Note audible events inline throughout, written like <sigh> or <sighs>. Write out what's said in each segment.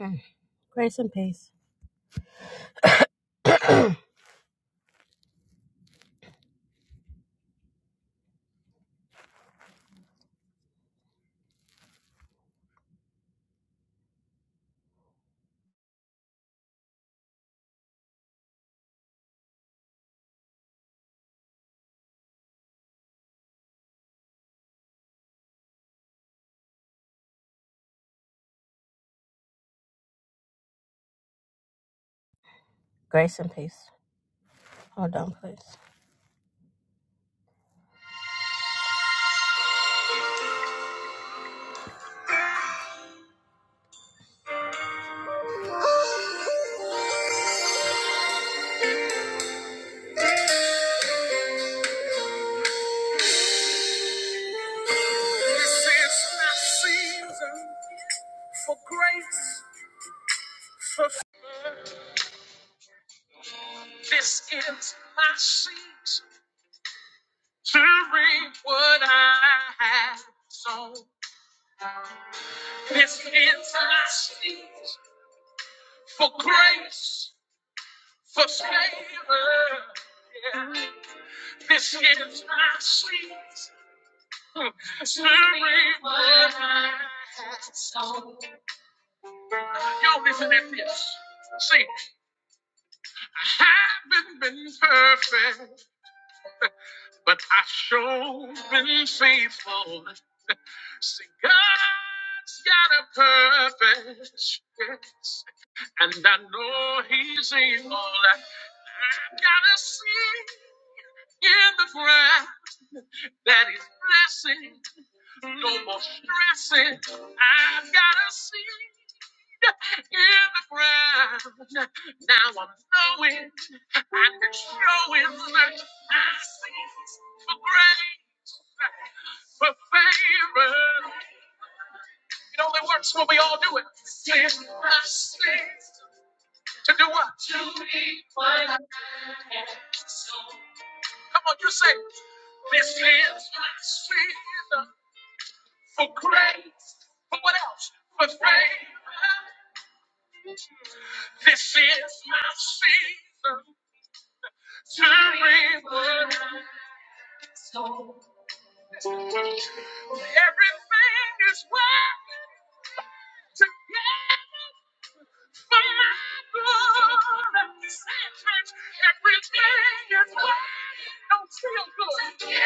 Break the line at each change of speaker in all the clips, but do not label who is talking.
Mm. Grace and peace. Grace and peace. Hold on, please. This is my season for grace. This is my season to reap what I have sown. This is my season for grace, for favor. Yeah. This is my sweet sweet song. Y'all listen at this. See, I haven't been perfect, but I sure been faithful. See, God's got a purpose, yes, and I know He's able. I've got a seed in the ground that He's blessing. No more stressing. I've got a seed in the ground. Now I'm knowing I can show him that I sees for grace, for favor. It only works when we all do it. Sin my cease to do what? To be what I am. Come on, you say, this is my season. for grace. For what else? For favor. This is my season to reward. Everything is working together for my good. Say it, church. Everything is working. Don't feel good,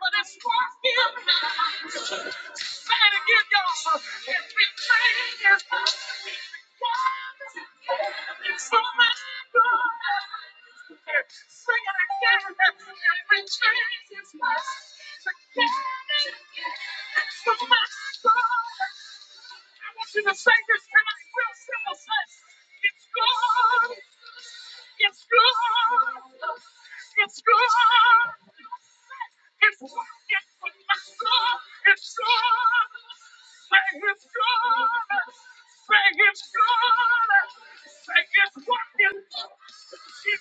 but it's working. Say it again, y'all. Everything is working for my good. Sing it again. Everything is working for my good. I want you to say this tonight, real simple. Say, it's good. Yes, Lord. Yes, Lord. Yes, Lord. Yes, Lord. Yes, Lord. Say His Lord. Say His Lord. Say His Lord. Yes,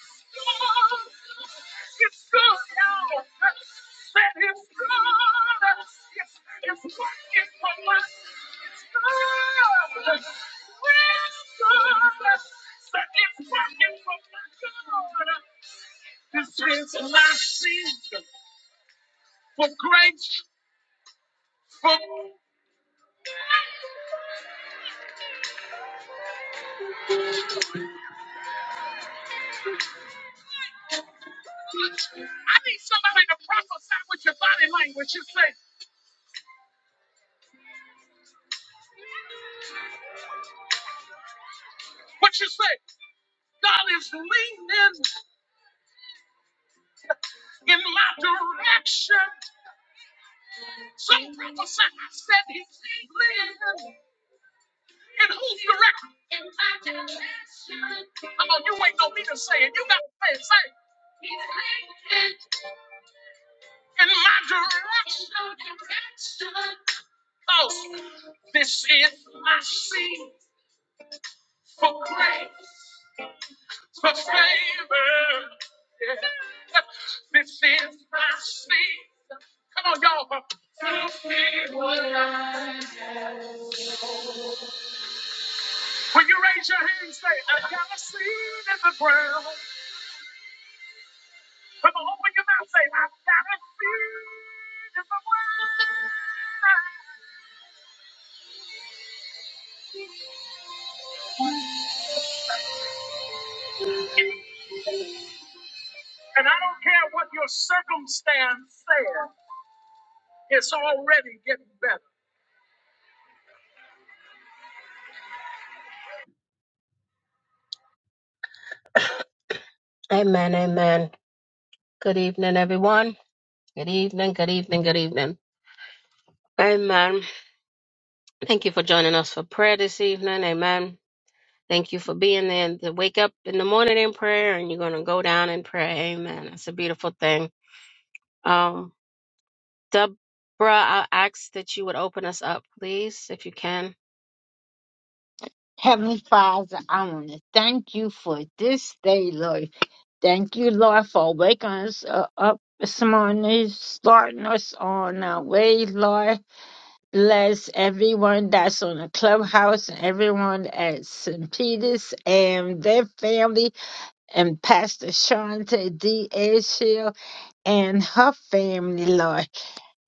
this is my season for grace, for I need somebody to prophesy with your body language. You say, what you say, God is leaning in my direction. So prophesy, I said he lives and who's the record? Come on, you ain't gonna need to say it. You gotta say it. Say it. In my direction. Oh, this is my seed for grace, for favor. Yeah. This is my seed. Come on, y'all. To be what I am. When you raise your hand, say, I got a seed in the ground. Come on, open your mouth, say, I got a seed in the ground. And I don't care what your circumstance says, it's already getting better. Amen, amen. Good evening, everyone. Good evening, good evening, good evening. Amen. Thank you for joining us for prayer this evening. Amen. Thank you for being there to wake up in the morning in prayer and you're going to go down in prayer. Amen. It's a beautiful thing. Um. Deborah, I ask that you would open us up, please, if you can.
Heavenly Father, I want to thank you for this day, Lord. Thank you, Lord, for waking us uh, up this morning, starting us on our way, Lord. Bless everyone that's on the clubhouse and everyone at St. Peter's and their family, and Pastor Shanta D. Ashiel and her family, Lord.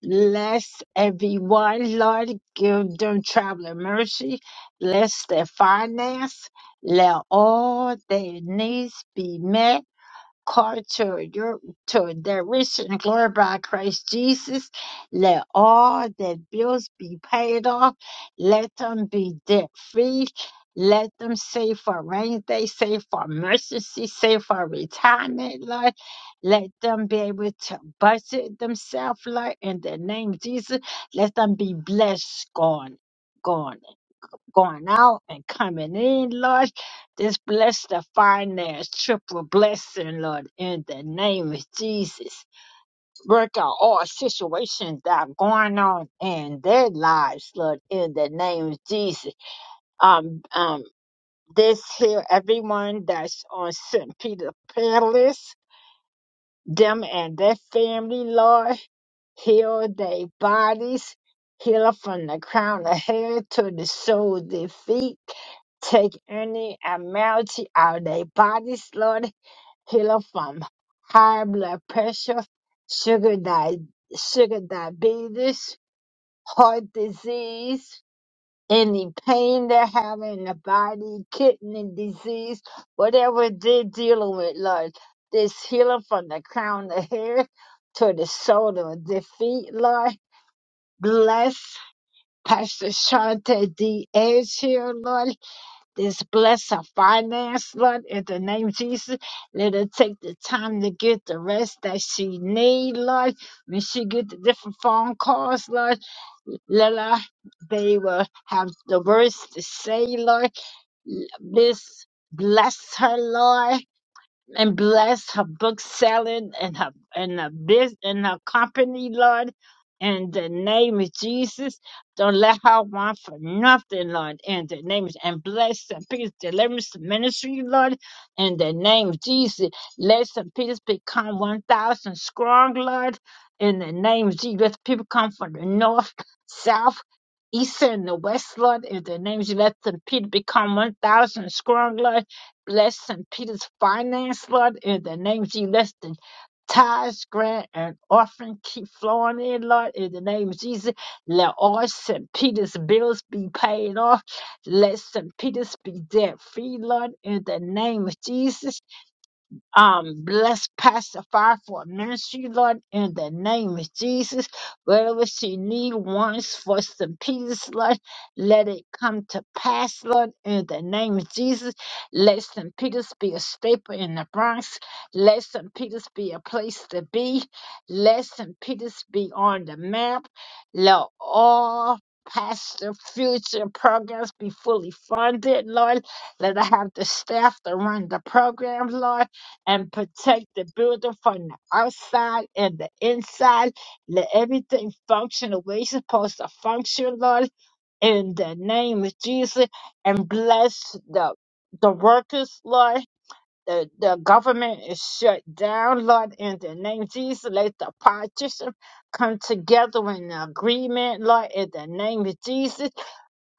Bless everyone, Lord. Give them traveling mercy. Bless their finance. Let all their needs be met car to your to the rich and glory by Christ Jesus. Let all their bills be paid off. Let them be debt free. Let them save for rainy day, save for emergency, save for retirement, Lord. Let them be able to budget themselves, Lord, in the name of Jesus. Let them be blessed, gone, gone going out and coming in, Lord. Just bless the finance, triple blessing, Lord, in the name of Jesus. Work out all situations that are going on in their lives, Lord, in the name of Jesus. Um, um, this here, everyone that's on St. Peter Palace, them and their family, Lord heal their bodies, heal from the crown of hair to the sole of their feet. Take any abnormality out of their bodies, Lord. Heal from high blood pressure, sugar, di- sugar diabetes, heart disease, any pain they have in the body, kidney disease, whatever they're dealing with, Lord. This healing from the crown of hair to the sole of their feet, Lord Bless Pastor Shante D. Edge here, Lord. This bless her finance, Lord, in the name of Jesus. Let her take the time to get the rest that she need, Lord. When she get the different phone calls, Lord, let her, they will have the words to say, Lord. This bless her, Lord and bless her book selling and her and her business and her company, Lord. In the name of Jesus, don't let her want for nothing, Lord. In the name of and bless St. Peter's Deliverance Ministry, Lord. In the name of Jesus, let St. Peter's become one thousand strong, Lord. In the name of Jesus, let people come from the north, south, east, and the west, Lord. In the name of Jesus, let St. Peter become one thousand strong, Lord Bless St. Peter's Finance, Lord, in the name of Jesus. Let the tithes, grant, and offering keep flowing in, Lord, in the name of Jesus. Let all St. Peter's bills be paid off. Let St. Peter's be debt free, Lord, in the name of Jesus. Um, bless Pastor Fire for ministry, Lord, in the name of Jesus. Whatever she needs, wants for St. Peter's, Lord, let it come to pass, Lord, in the name of Jesus. Let St. Peter's be a staple in the Bronx. Let St. Peter's be a place to be. Let St. Peter's be on the map. Let all pastor future programs be fully funded, Lord. Let I have the staff to run the program, Lord and protect the building from the outside and the inside. Let everything function the way it's supposed to function, Lord, in the name of Jesus. And bless the the workers, Lord. The, the government is shut down, Lord, in the name of Jesus. Let the politicians come together in agreement, Lord, in the name of Jesus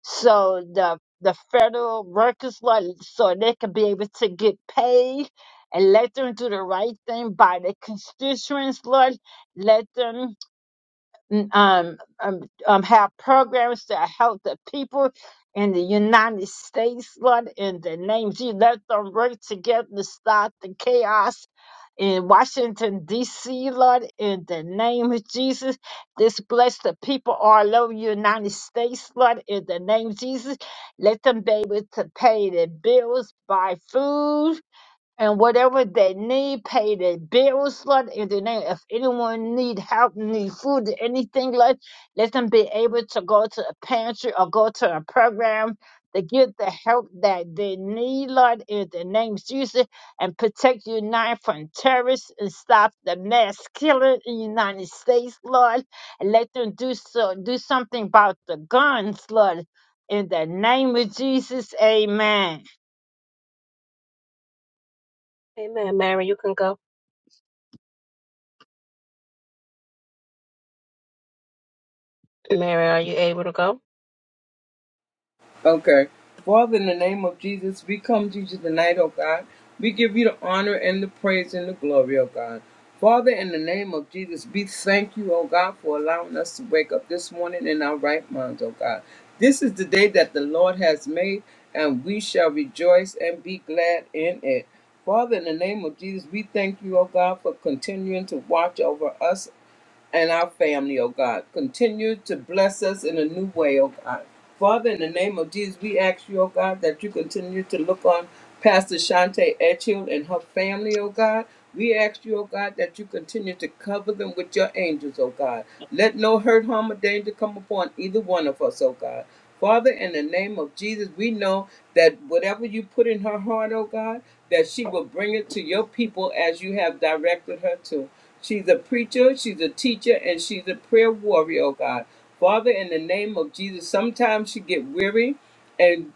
so the the federal workers like so they can be able to get paid and let them do the right thing by the constituents Lord. Let them um, um, um, have programs that help the people in the United States, Lord, in the name of Jesus. Let them work together to stop the chaos in Washington, D.C., Lord, in the name of Jesus. This bless the people all over the United States, Lord, in the name of Jesus. Let them be able to pay their bills, buy food, and whatever they need, pay their bills for it in the name. If anyone need help, need food, anything like, let them be able to go to a pantry or go to a program to get the help that they need, Lord, in the name of Jesus, and protect you now from terrorists and stop the mass killing in the United States, Lord, and let them do so, do something about the guns, Lord. In the name of Jesus, amen.
Amen. Mary, you can go. Mary, are you able to go?
Okay. Father, in the name of Jesus, we come to you tonight, oh God. We give you the honor and the praise and the glory, oh God. Father, in the name of Jesus, we thank you, oh God, for allowing us to wake up this morning in our right minds, oh God. This is the day that the Lord has made, and we shall rejoice and be glad in it. Father, in the name of Jesus, we thank you, oh God, for continuing to watch over us and our family, oh God. Continue to bless us in a new way, oh God. Father, in the name of Jesus, we ask you, oh God, that you continue to look on Pastor Shante Etchill and her family, oh God. We ask you, oh God, that you continue to cover them with your angels, oh God. Let no hurt, harm, or danger come upon either one of us, oh God. Father, in the name of Jesus, we know that whatever you put in her heart, oh God, that she will bring it to your people as you have directed her to. She's a preacher, she's a teacher, and she's a prayer warrior, oh God. Father, in the name of Jesus, sometimes she get weary and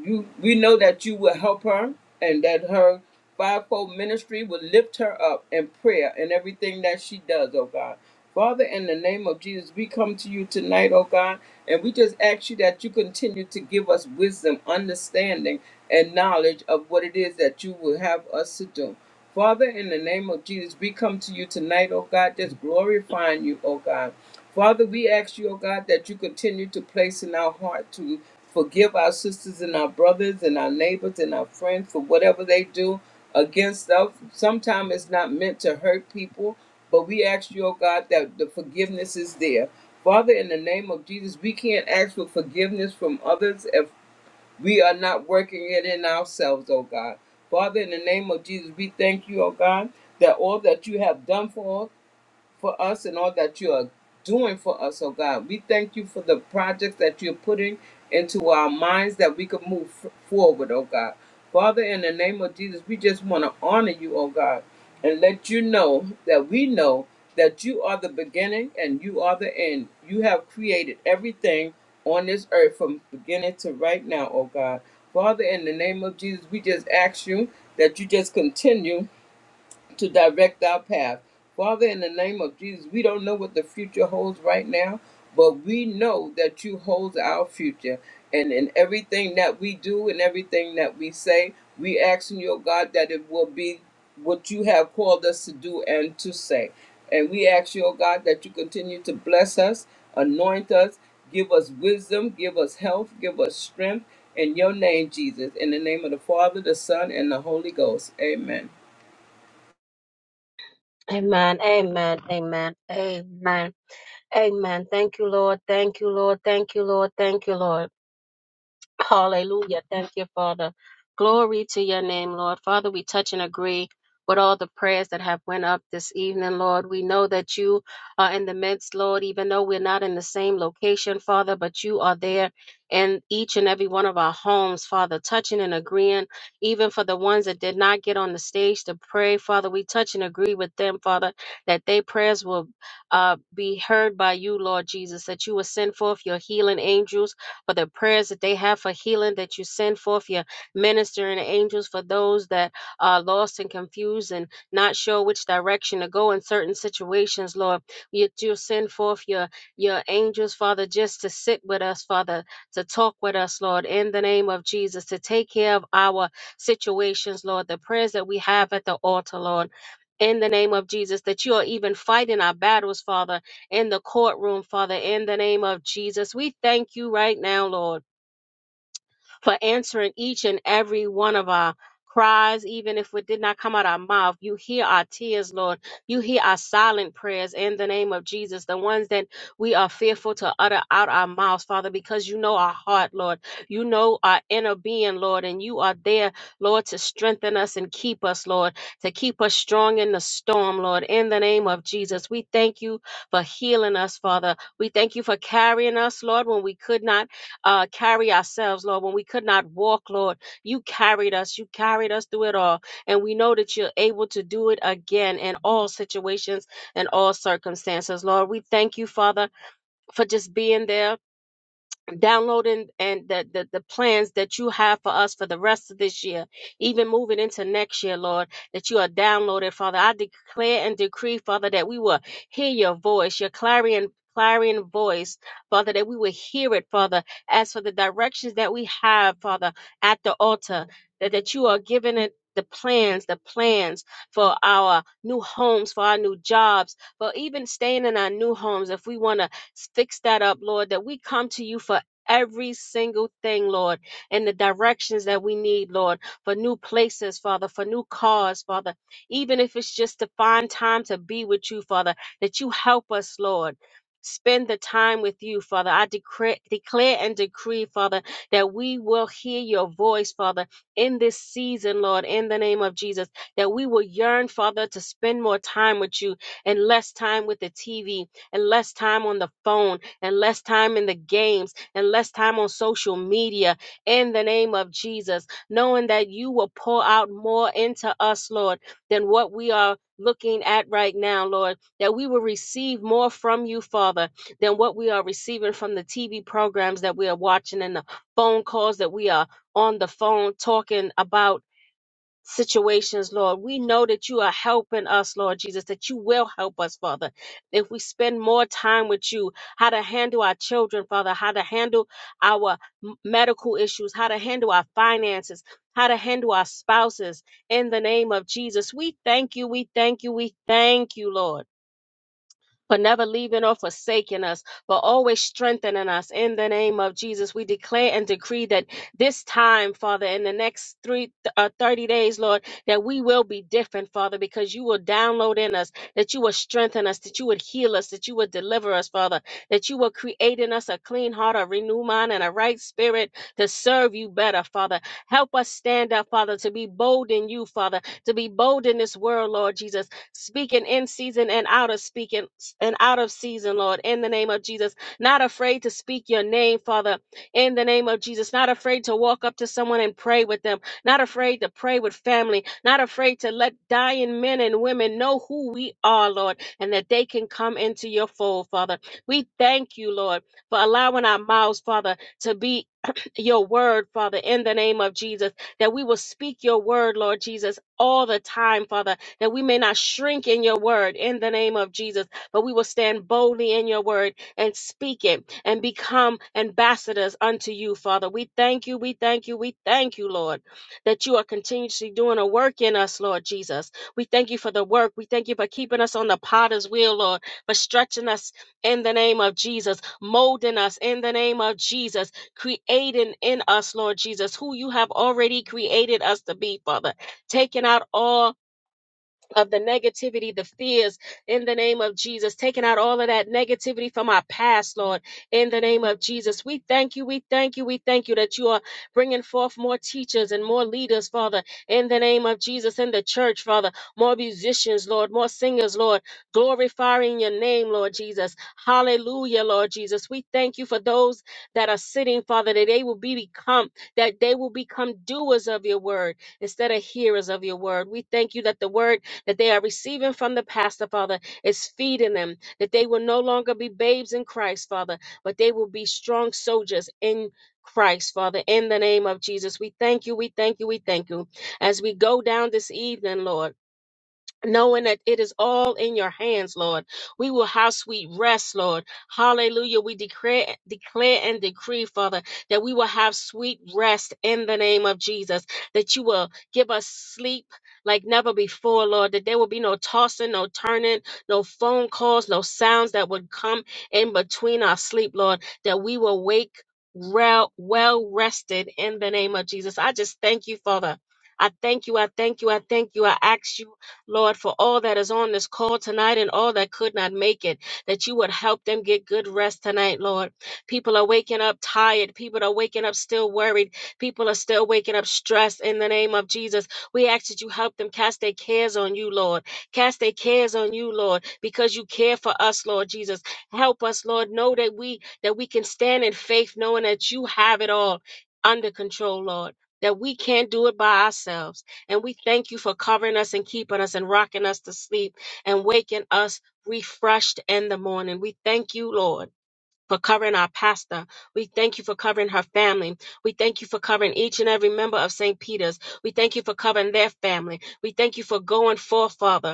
you we know that you will help her and that her fivefold ministry will lift her up in prayer and everything that she does, oh God. Father, in the name of Jesus, we come to you tonight, oh God, and we just ask you that you continue to give us wisdom, understanding, and knowledge of what it is that you will have us to do. Father, in the name of Jesus, we come to you tonight, oh God, just glorifying you, oh God. Father, we ask you, oh God, that you continue to place in our heart to forgive our sisters and our brothers and our neighbors and our friends for whatever they do against us. Sometimes it's not meant to hurt people, but we ask you, oh God, that the forgiveness is there. Father, in the name of Jesus, we can't ask for forgiveness from others if. We are not working it in ourselves, oh God. Father, in the name of Jesus, we thank you, oh God, that all that you have done for us for us and all that you are doing for us, oh God. We thank you for the projects that you're putting into our minds that we could move f- forward, oh God. Father, in the name of Jesus, we just want to honor you, oh God, and let you know that we know that you are the beginning and you are the end. You have created everything on this earth from beginning to right now, oh God. Father, in the name of Jesus, we just ask you that you just continue to direct our path. Father, in the name of Jesus, we don't know what the future holds right now, but we know that you hold our future. And in everything that we do and everything that we say, we ask in your God that it will be what you have called us to do and to say. And we ask your God that you continue to bless us, anoint us, give us wisdom, give us health, give us strength. In your name, Jesus. In the name of the Father, the Son, and the Holy Ghost. Amen.
Amen. Amen. Amen. Amen. Amen. Thank you, Lord. Thank you, Lord. Thank you, Lord. Thank you, Lord. Hallelujah. Thank you, Father. Glory to your name, Lord. Father, we touch and agree with all the prayers that have went up this evening, Lord. We know that you are in the midst, Lord, even though we're not in the same location, Father, but you are there in each and every one of our homes, Father, touching and agreeing, even for the ones that did not get on the stage to pray, Father. We touch and agree with them, Father, that their prayers will uh, be heard by you, Lord Jesus, that you will send forth your healing angels for the prayers that they have for healing that you send forth your ministering angels for those that are lost and confused and not sure which direction to go in certain situations, Lord. You, you send forth your, your angels, Father, just to sit with us, Father, to talk with us, Lord, in the name of Jesus, to take care of our situations, Lord, the prayers that we have at the altar, Lord. In the name of Jesus, that you are even fighting our battles, Father in the courtroom, Father, in the name of Jesus. We thank you right now, Lord for answering each and every one of our cries, even if it did not come out our mouth. You hear our tears, Lord. You hear our silent prayers in the name of Jesus, the ones that we are fearful to utter out our mouths, Father, because you know our heart, Lord. You know our inner being, Lord, and you are there, Lord, to strengthen us and keep us, Lord, to keep us strong in the storm, Lord, in the name of Jesus. We thank you for healing us, Father. We thank you for carrying us, Lord, when we could not uh, carry ourselves, Lord. When we could not walk, Lord, you carried us. You carried us through it all. And we know that you're able to do it again in all situations and all circumstances, Lord. We thank you, Father, for just being there downloading and the, the the plans that you have for us for the rest of this year, even moving into next year, Lord, that you are downloaded, Father. I declare and decree, Father, that we will hear your voice, your clarion clarion voice, Father, that we will hear it, Father, as for the directions that we have, Father, at the altar, that, that you are giving it the plans, the plans for our new homes, for our new jobs, for even staying in our new homes if we want to fix that up, Lord, that we come to you for every single thing, Lord, in the directions that we need, Lord, for new places, Father, for new cars, Father, even if it's just to find time to be with you, Father, that you help us, Lord. Spend the time with you, Father. I decree, declare and decree, Father, that we will hear your voice, Father, in this season, Lord, in the name of Jesus, that we will yearn, Father, to spend more time with you and less time with the TV and less time on the phone and less time in the games and less time on social media in the name of Jesus, knowing that you will pour out more into us, Lord, than what we are looking at right now, Lord, that we will receive more from you, Father, than what we are receiving from the TV programs that we are watching and the phone calls that we are on the phone talking about situations, Lord. We know that you are helping us, Lord Jesus, that you will help us, Father. If we spend more time with you, how to handle our children, Father, how to handle our m- medical issues, how to handle our finances. How to handle our spouses in the name of Jesus. We thank you. We thank you. We thank you, Lord for never leaving or forsaking us, but always strengthening us in the name of Jesus. We declare and decree that this time, Father, in the next three uh, 30 days, Lord, that we will be different, Father, because you will download in us, that you will strengthen us, that you would heal us, that you would deliver us, Father, that you will create in us a clean heart, a renewed mind, and a right spirit to serve you better, Father. Help us stand up, Father, to be bold in you, Father, to be bold in this world, Lord Jesus speaking in season and out of speaking and out of season, Lord, in the name of Jesus. Not afraid to speak your name, Father, in the name of Jesus. Not afraid to walk up to someone and pray with them. Not afraid to pray with family. Not afraid to let dying men and women know who we are, Lord, and that they can come into your fold, Father. We thank you, Lord, for allowing our mouths, Father, to be <clears throat> your word, Father, in the name of Jesus, that we will speak your word, Lord Jesus, all the time, Father that we may not shrink in your word in the name of Jesus, but we will stand boldly in your word and speak it and become ambassadors unto you, Father. We thank you, we thank you, we thank you, Lord, that you are continuously doing a work in us, Lord Jesus. We thank you for the work. We thank you for keeping us on the potter's wheel, Lord, for stretching us in the name of Jesus, molding us in the name of Jesus, creating in us, Lord Jesus, who you have already created us to be, Father. Taking out all of the negativity, the fears in the name of Jesus, taking out all of that negativity from our past, Lord, in the name of Jesus. We thank you, we thank you, we thank you that you are bringing forth more teachers and more leaders, Father, in the name of Jesus, in the church, Father, more musicians, Lord, more singers, Lord, glorifying your name, Lord Jesus. Hallelujah, Lord Jesus. We thank you for those that are sitting, Father, that they will be become, that they will become doers of your word instead of hearers of your word. We thank you that the word that they are receiving from the pastor, Father, is feeding them, that they will no longer be babes in Christ, Father, but they will be strong soldiers in Christ, Father, in the name of Jesus. We thank you, we thank you, we thank you. As we go down this evening, Lord knowing that it is all in your hands, Lord. We will have sweet rest, Lord. Hallelujah. We declare, declare and decree, Father, that we will have sweet rest in the name of Jesus, that you will give us sleep like never before, Lord, that there will be no tossing, no turning, no phone calls, no sounds that would come in between our sleep, Lord, that we will wake well, well rested in the name of Jesus. I just thank you, Father. I thank you. I thank you. I thank you. I ask you Lord, for all that is on this call tonight and all that could not make it, that you would help them get good rest tonight, Lord. People are waking up tired. People are waking up still worried. People are still waking up stressed in the name of Jesus. We ask that you help them cast their cares on you, Lord. Cast their cares on you, Lord, because you care for us, Lord Jesus. Help us, Lord, know that we that we can stand in faith knowing that you have it all under control, Lord. That we can't do it by ourselves and we thank you for covering us and keeping us and rocking us to sleep and waking us refreshed in the morning. We thank you, Lord. For covering our pastor. We thank you for covering her family. We thank you for covering each and every member of St. Peter's. We thank you for covering their family. We thank you for going forth, Father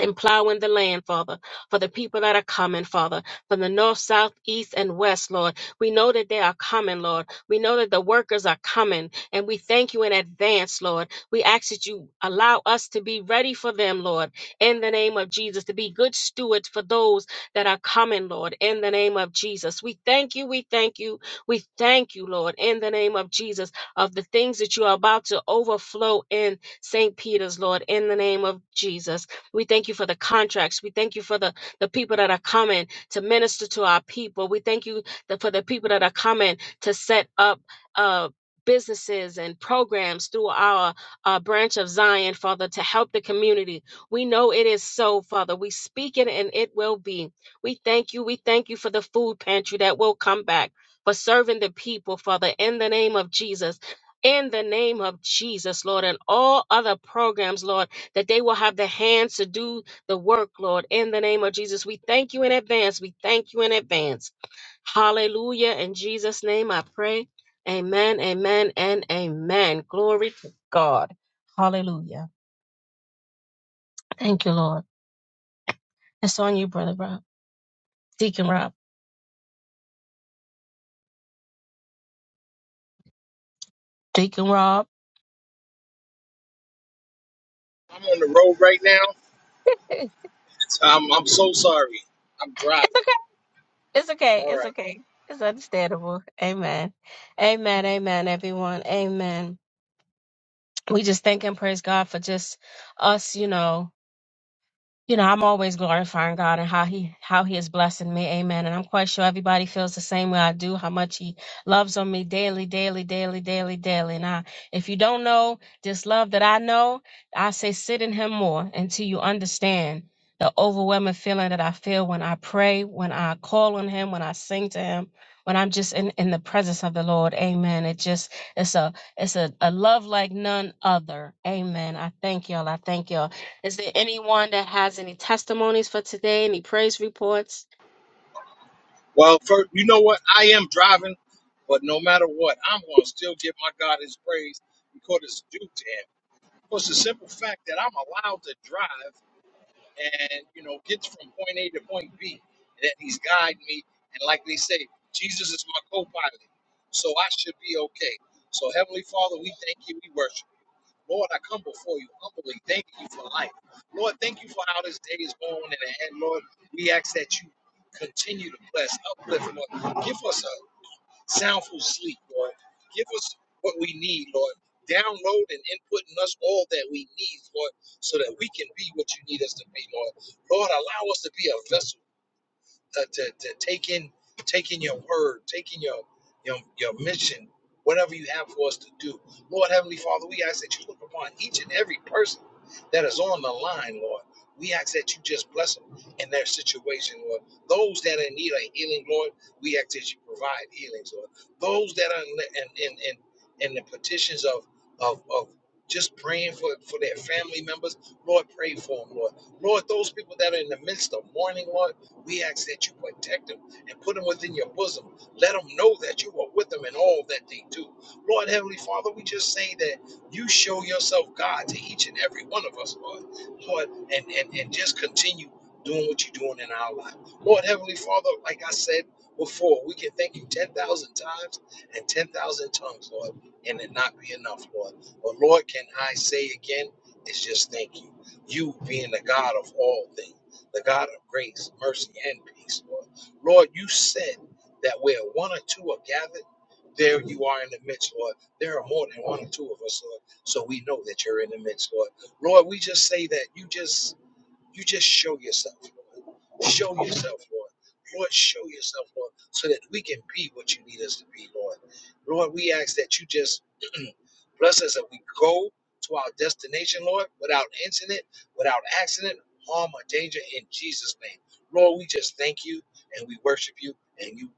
and plowing the land, Father, for the people that are coming, Father, from the north, south, east, and west, Lord. We know that they are coming, Lord. We know that the workers are coming, and we thank you in advance, Lord. We ask that you allow us to be ready for them, Lord, in the name of Jesus, to be good stewards for those that are coming, Lord, in the name of Jesus. We thank you, we thank you, we thank you, Lord, in the name of Jesus, of the things that you are about to overflow in St. Peter's, Lord, in the name of Jesus. We thank you for the contracts. We thank you for the, the people that are coming to minister to our people. We thank you that for the people that are coming to set up uh businesses and programs through our uh, branch of Zion, Father, to help the community. We know it is so, Father. We speak it and it will be. We thank you. We thank you for the food pantry that will come back, for serving the people, Father, in the name of Jesus. In the name of Jesus, Lord, and all other programs, Lord that they will have the hands to do the work, Lord, in the name of Jesus. We thank you in advance. We thank you in advance. Hallelujah. In Jesus' name I pray. Amen, amen, and amen. Glory to God. Hallelujah. Thank you, Lord. It's on you, Brother Rob. Deacon Rob. Deacon Rob.
I'm on the road right now.
<laughs>
Um, I'm so sorry. I'm driving.
It's okay.
All
It's okay. It's
right.
okay. It's understandable. Amen. Amen. Amen, everyone. Amen. We just thank and praise God for just us, you know, you know, I'm always glorifying God and how He how He is blessing me. Amen. And I'm quite sure everybody feels the same way I do, how much He loves on me daily, daily, daily, daily, daily. And I, if you don't know this love that I know, I say sit in Him more until you understand the overwhelming feeling that I feel when I pray, when I call on Him, when I sing to Him, when I'm just in, in the presence of the Lord. Amen. It just it's a it's a, a love like none other. Amen. I thank y'all. I thank y'all. Is there anyone that has any testimonies for today, any praise reports?
Well, first, you know what? I am driving, but no matter what, I'm going to still give my God his praise because it's due to him. Because the simple fact that I'm allowed to drive and, you know, get from point A to point B, that he's guiding me. And like they say, Jesus is my co pilot. So I should be okay. So, Heavenly Father, we thank you. We worship. you. Lord, I come before you humbly, thanking you for life. Lord, thank you for how this day is going. And, and Lord, we ask that you continue to bless, uplift, and Lord. Give us a soundful sleep, Lord. Give us what we need, Lord. Download and input in us all that we need, Lord, so that we can be what you need us to be, Lord. Lord, allow us to be a vessel uh, to, to take in taking your word, taking your your your mission, whatever you have for us to do. Lord Heavenly Father, we ask that you look upon each and every person that is on the line, Lord. We ask that you just bless them in their situation, Lord. Those that are in need of healing, Lord, we ask that you provide healings, Lord. Those that are in in in, in, in the petitions of of of just praying for, for their family members, Lord, pray for them, Lord. Lord, those people that are in the midst of mourning, Lord. We ask that you protect them and put them within your bosom. Let them know that you are with them in all that they do. Lord Heavenly Father, we just say that you show yourself God to each and every one of us, Lord. Lord, and, and, and just continue doing what you're doing in our life. Lord Heavenly Father, like I said before, we can thank you 10,000 times and 10,000 tongues, Lord, and it not be enough, Lord. But Lord, can I say again, it's just thank you. You being the God of all things the God of grace, mercy, and peace, Lord. Lord, you said that where one or two are gathered, there you are in the midst, Lord. There are more than one or two of us, Lord. So we know that you're in the midst, Lord. Lord, we just say that you just you just show yourself. Lord. Show yourself, Lord. Lord, show yourself, Lord, so that we can be what you need us to be, Lord. Lord, we ask that you just <clears throat> bless us that we go to our destination, Lord, without incident, without accident, harm, or danger in Jesus' name. Lord, we just thank you and we worship you, and you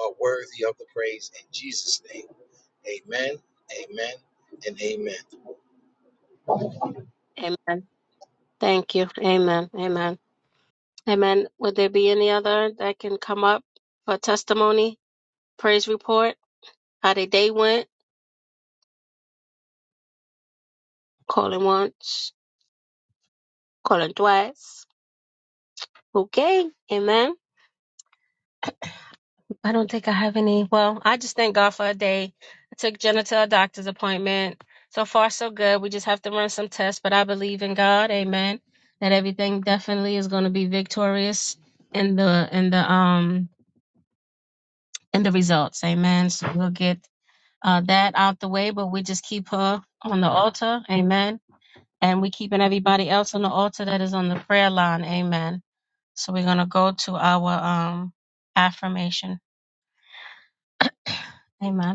are worthy of the praise in Jesus' name. Amen, amen, and amen.
Amen. Thank you. Amen. Amen. Amen. Would there be any other that can come up for testimony, praise report, how their day went? Calling once, calling twice. Okay. Amen. I don't think I have any. Well, I just thank God for a day. I took Jenna to a doctor's appointment. So far, so good. We just have to run some tests, but I believe in God. Amen. That everything definitely is going to be victorious in the in the um in the results. Amen. So we'll get uh, that out the way, but we just keep her on the altar. Amen. And we keeping everybody else on the altar that is on the prayer line. Amen. So we're gonna go to our um affirmation. <clears throat> Amen.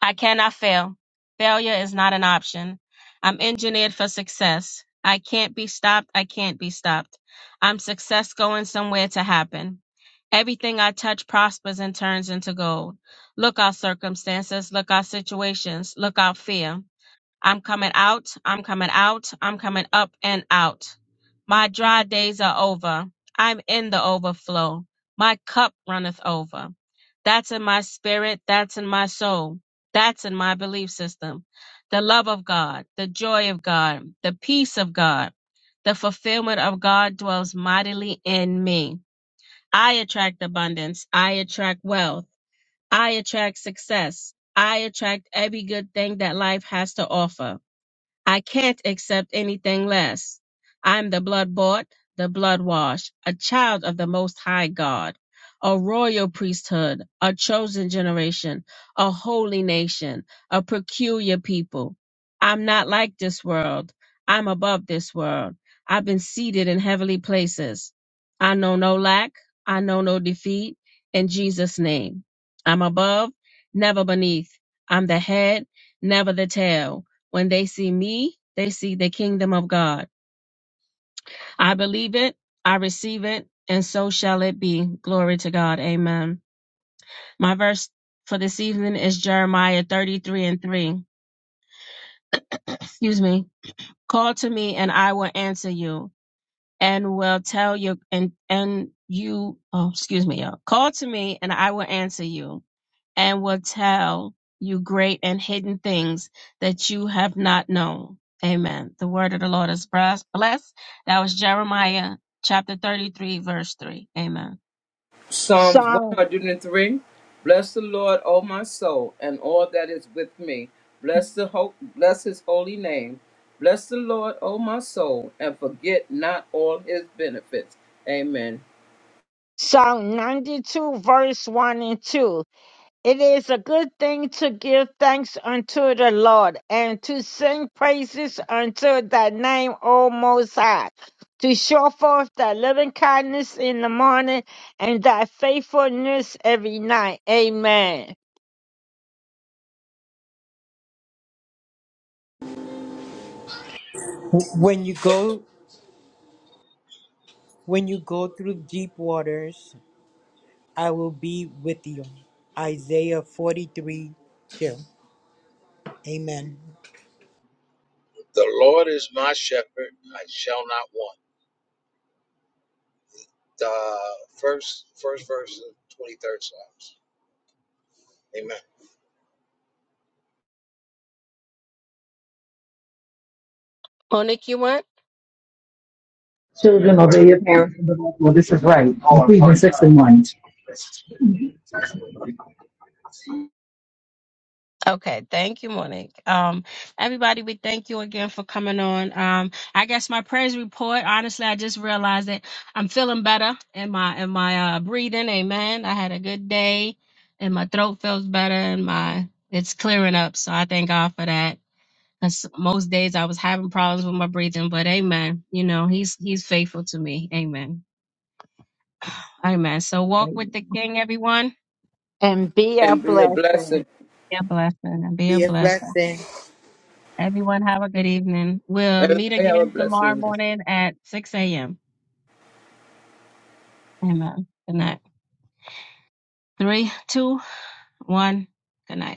I cannot fail. Failure is not an option. I'm engineered for success. I can't be stopped. I can't be stopped. I'm success going somewhere to happen. Everything I touch prospers and turns into gold. Look out circumstances. Look out situations. Look out fear. I'm coming out. I'm coming out. I'm coming up and out. My dry days are over. I'm in the overflow. My cup runneth over. That's in my spirit. That's in my soul. That's in my belief system. The love of God, the joy of God, the peace of God, the fulfillment of God dwells mightily in me. I attract abundance. I attract wealth. I attract success. I attract every good thing that life has to offer. I can't accept anything less. I'm the blood bought, the blood washed, a child of the Most High God, a royal priesthood, a chosen generation, a holy nation, a peculiar people. I'm not like this world. I'm above this world. I've been seated in heavenly places. I know no lack. I know no defeat. In Jesus' name. I'm above, never beneath. I'm the head, never the tail. When they see me, they see the kingdom of God. I believe it, I receive it, and so shall it be. Glory to God. Amen. My verse for this evening is Jeremiah 33 and 3. Excuse me. Call to me and I will answer you and will tell you and and you oh excuse me y'all. Call to me and I will answer you and will tell you great and hidden things that you have not known. Amen. The word of the Lord is bless- blessed. That was Jeremiah chapter 33, verse 3. Amen.
Psalms
Sean.
103. Bless the Lord, O my soul, and all that is with me. Bless the ho- bless his holy name. Bless the Lord, O my soul, and forget not all his benefits. Amen.
Psalm 92, verse 1 and 2. It is a good thing to give thanks unto the Lord and to sing praises unto thy name, O Most High, to show forth thy loving kindness in the morning and thy faithfulness every night. Amen.
When you go when you go through deep waters, I will be with you. Isaiah 43 2. Amen.
The Lord is my shepherd, I shall not want. The first first verse of 23rd Psalms. Amen.
Monique, you went?
Children, obey your parents and the Lord, this is right. Ephesians six and one.
Okay, thank you, Monique. Um, everybody, we thank you again for coming on. Um, I guess my praise report. Honestly, I just realized that I'm feeling better in my in my uh, breathing. Amen. I had a good day, and my throat feels better, and my it's clearing up. So I thank God for that. 'Cause most days I was having problems with my breathing, but amen. You know, he's he's faithful to me. Amen. <sighs> Amen. So walk with the king, everyone.
And be a
And be a
blessing.
blessing.
Be a blessing and be a
Be a
blessing.
blessing.
Everyone have a good evening. We'll meet
Everybody have a
again tomorrow
blessing.
morning at 6 a.m. Amen. Good night. Three, two, one. Good night.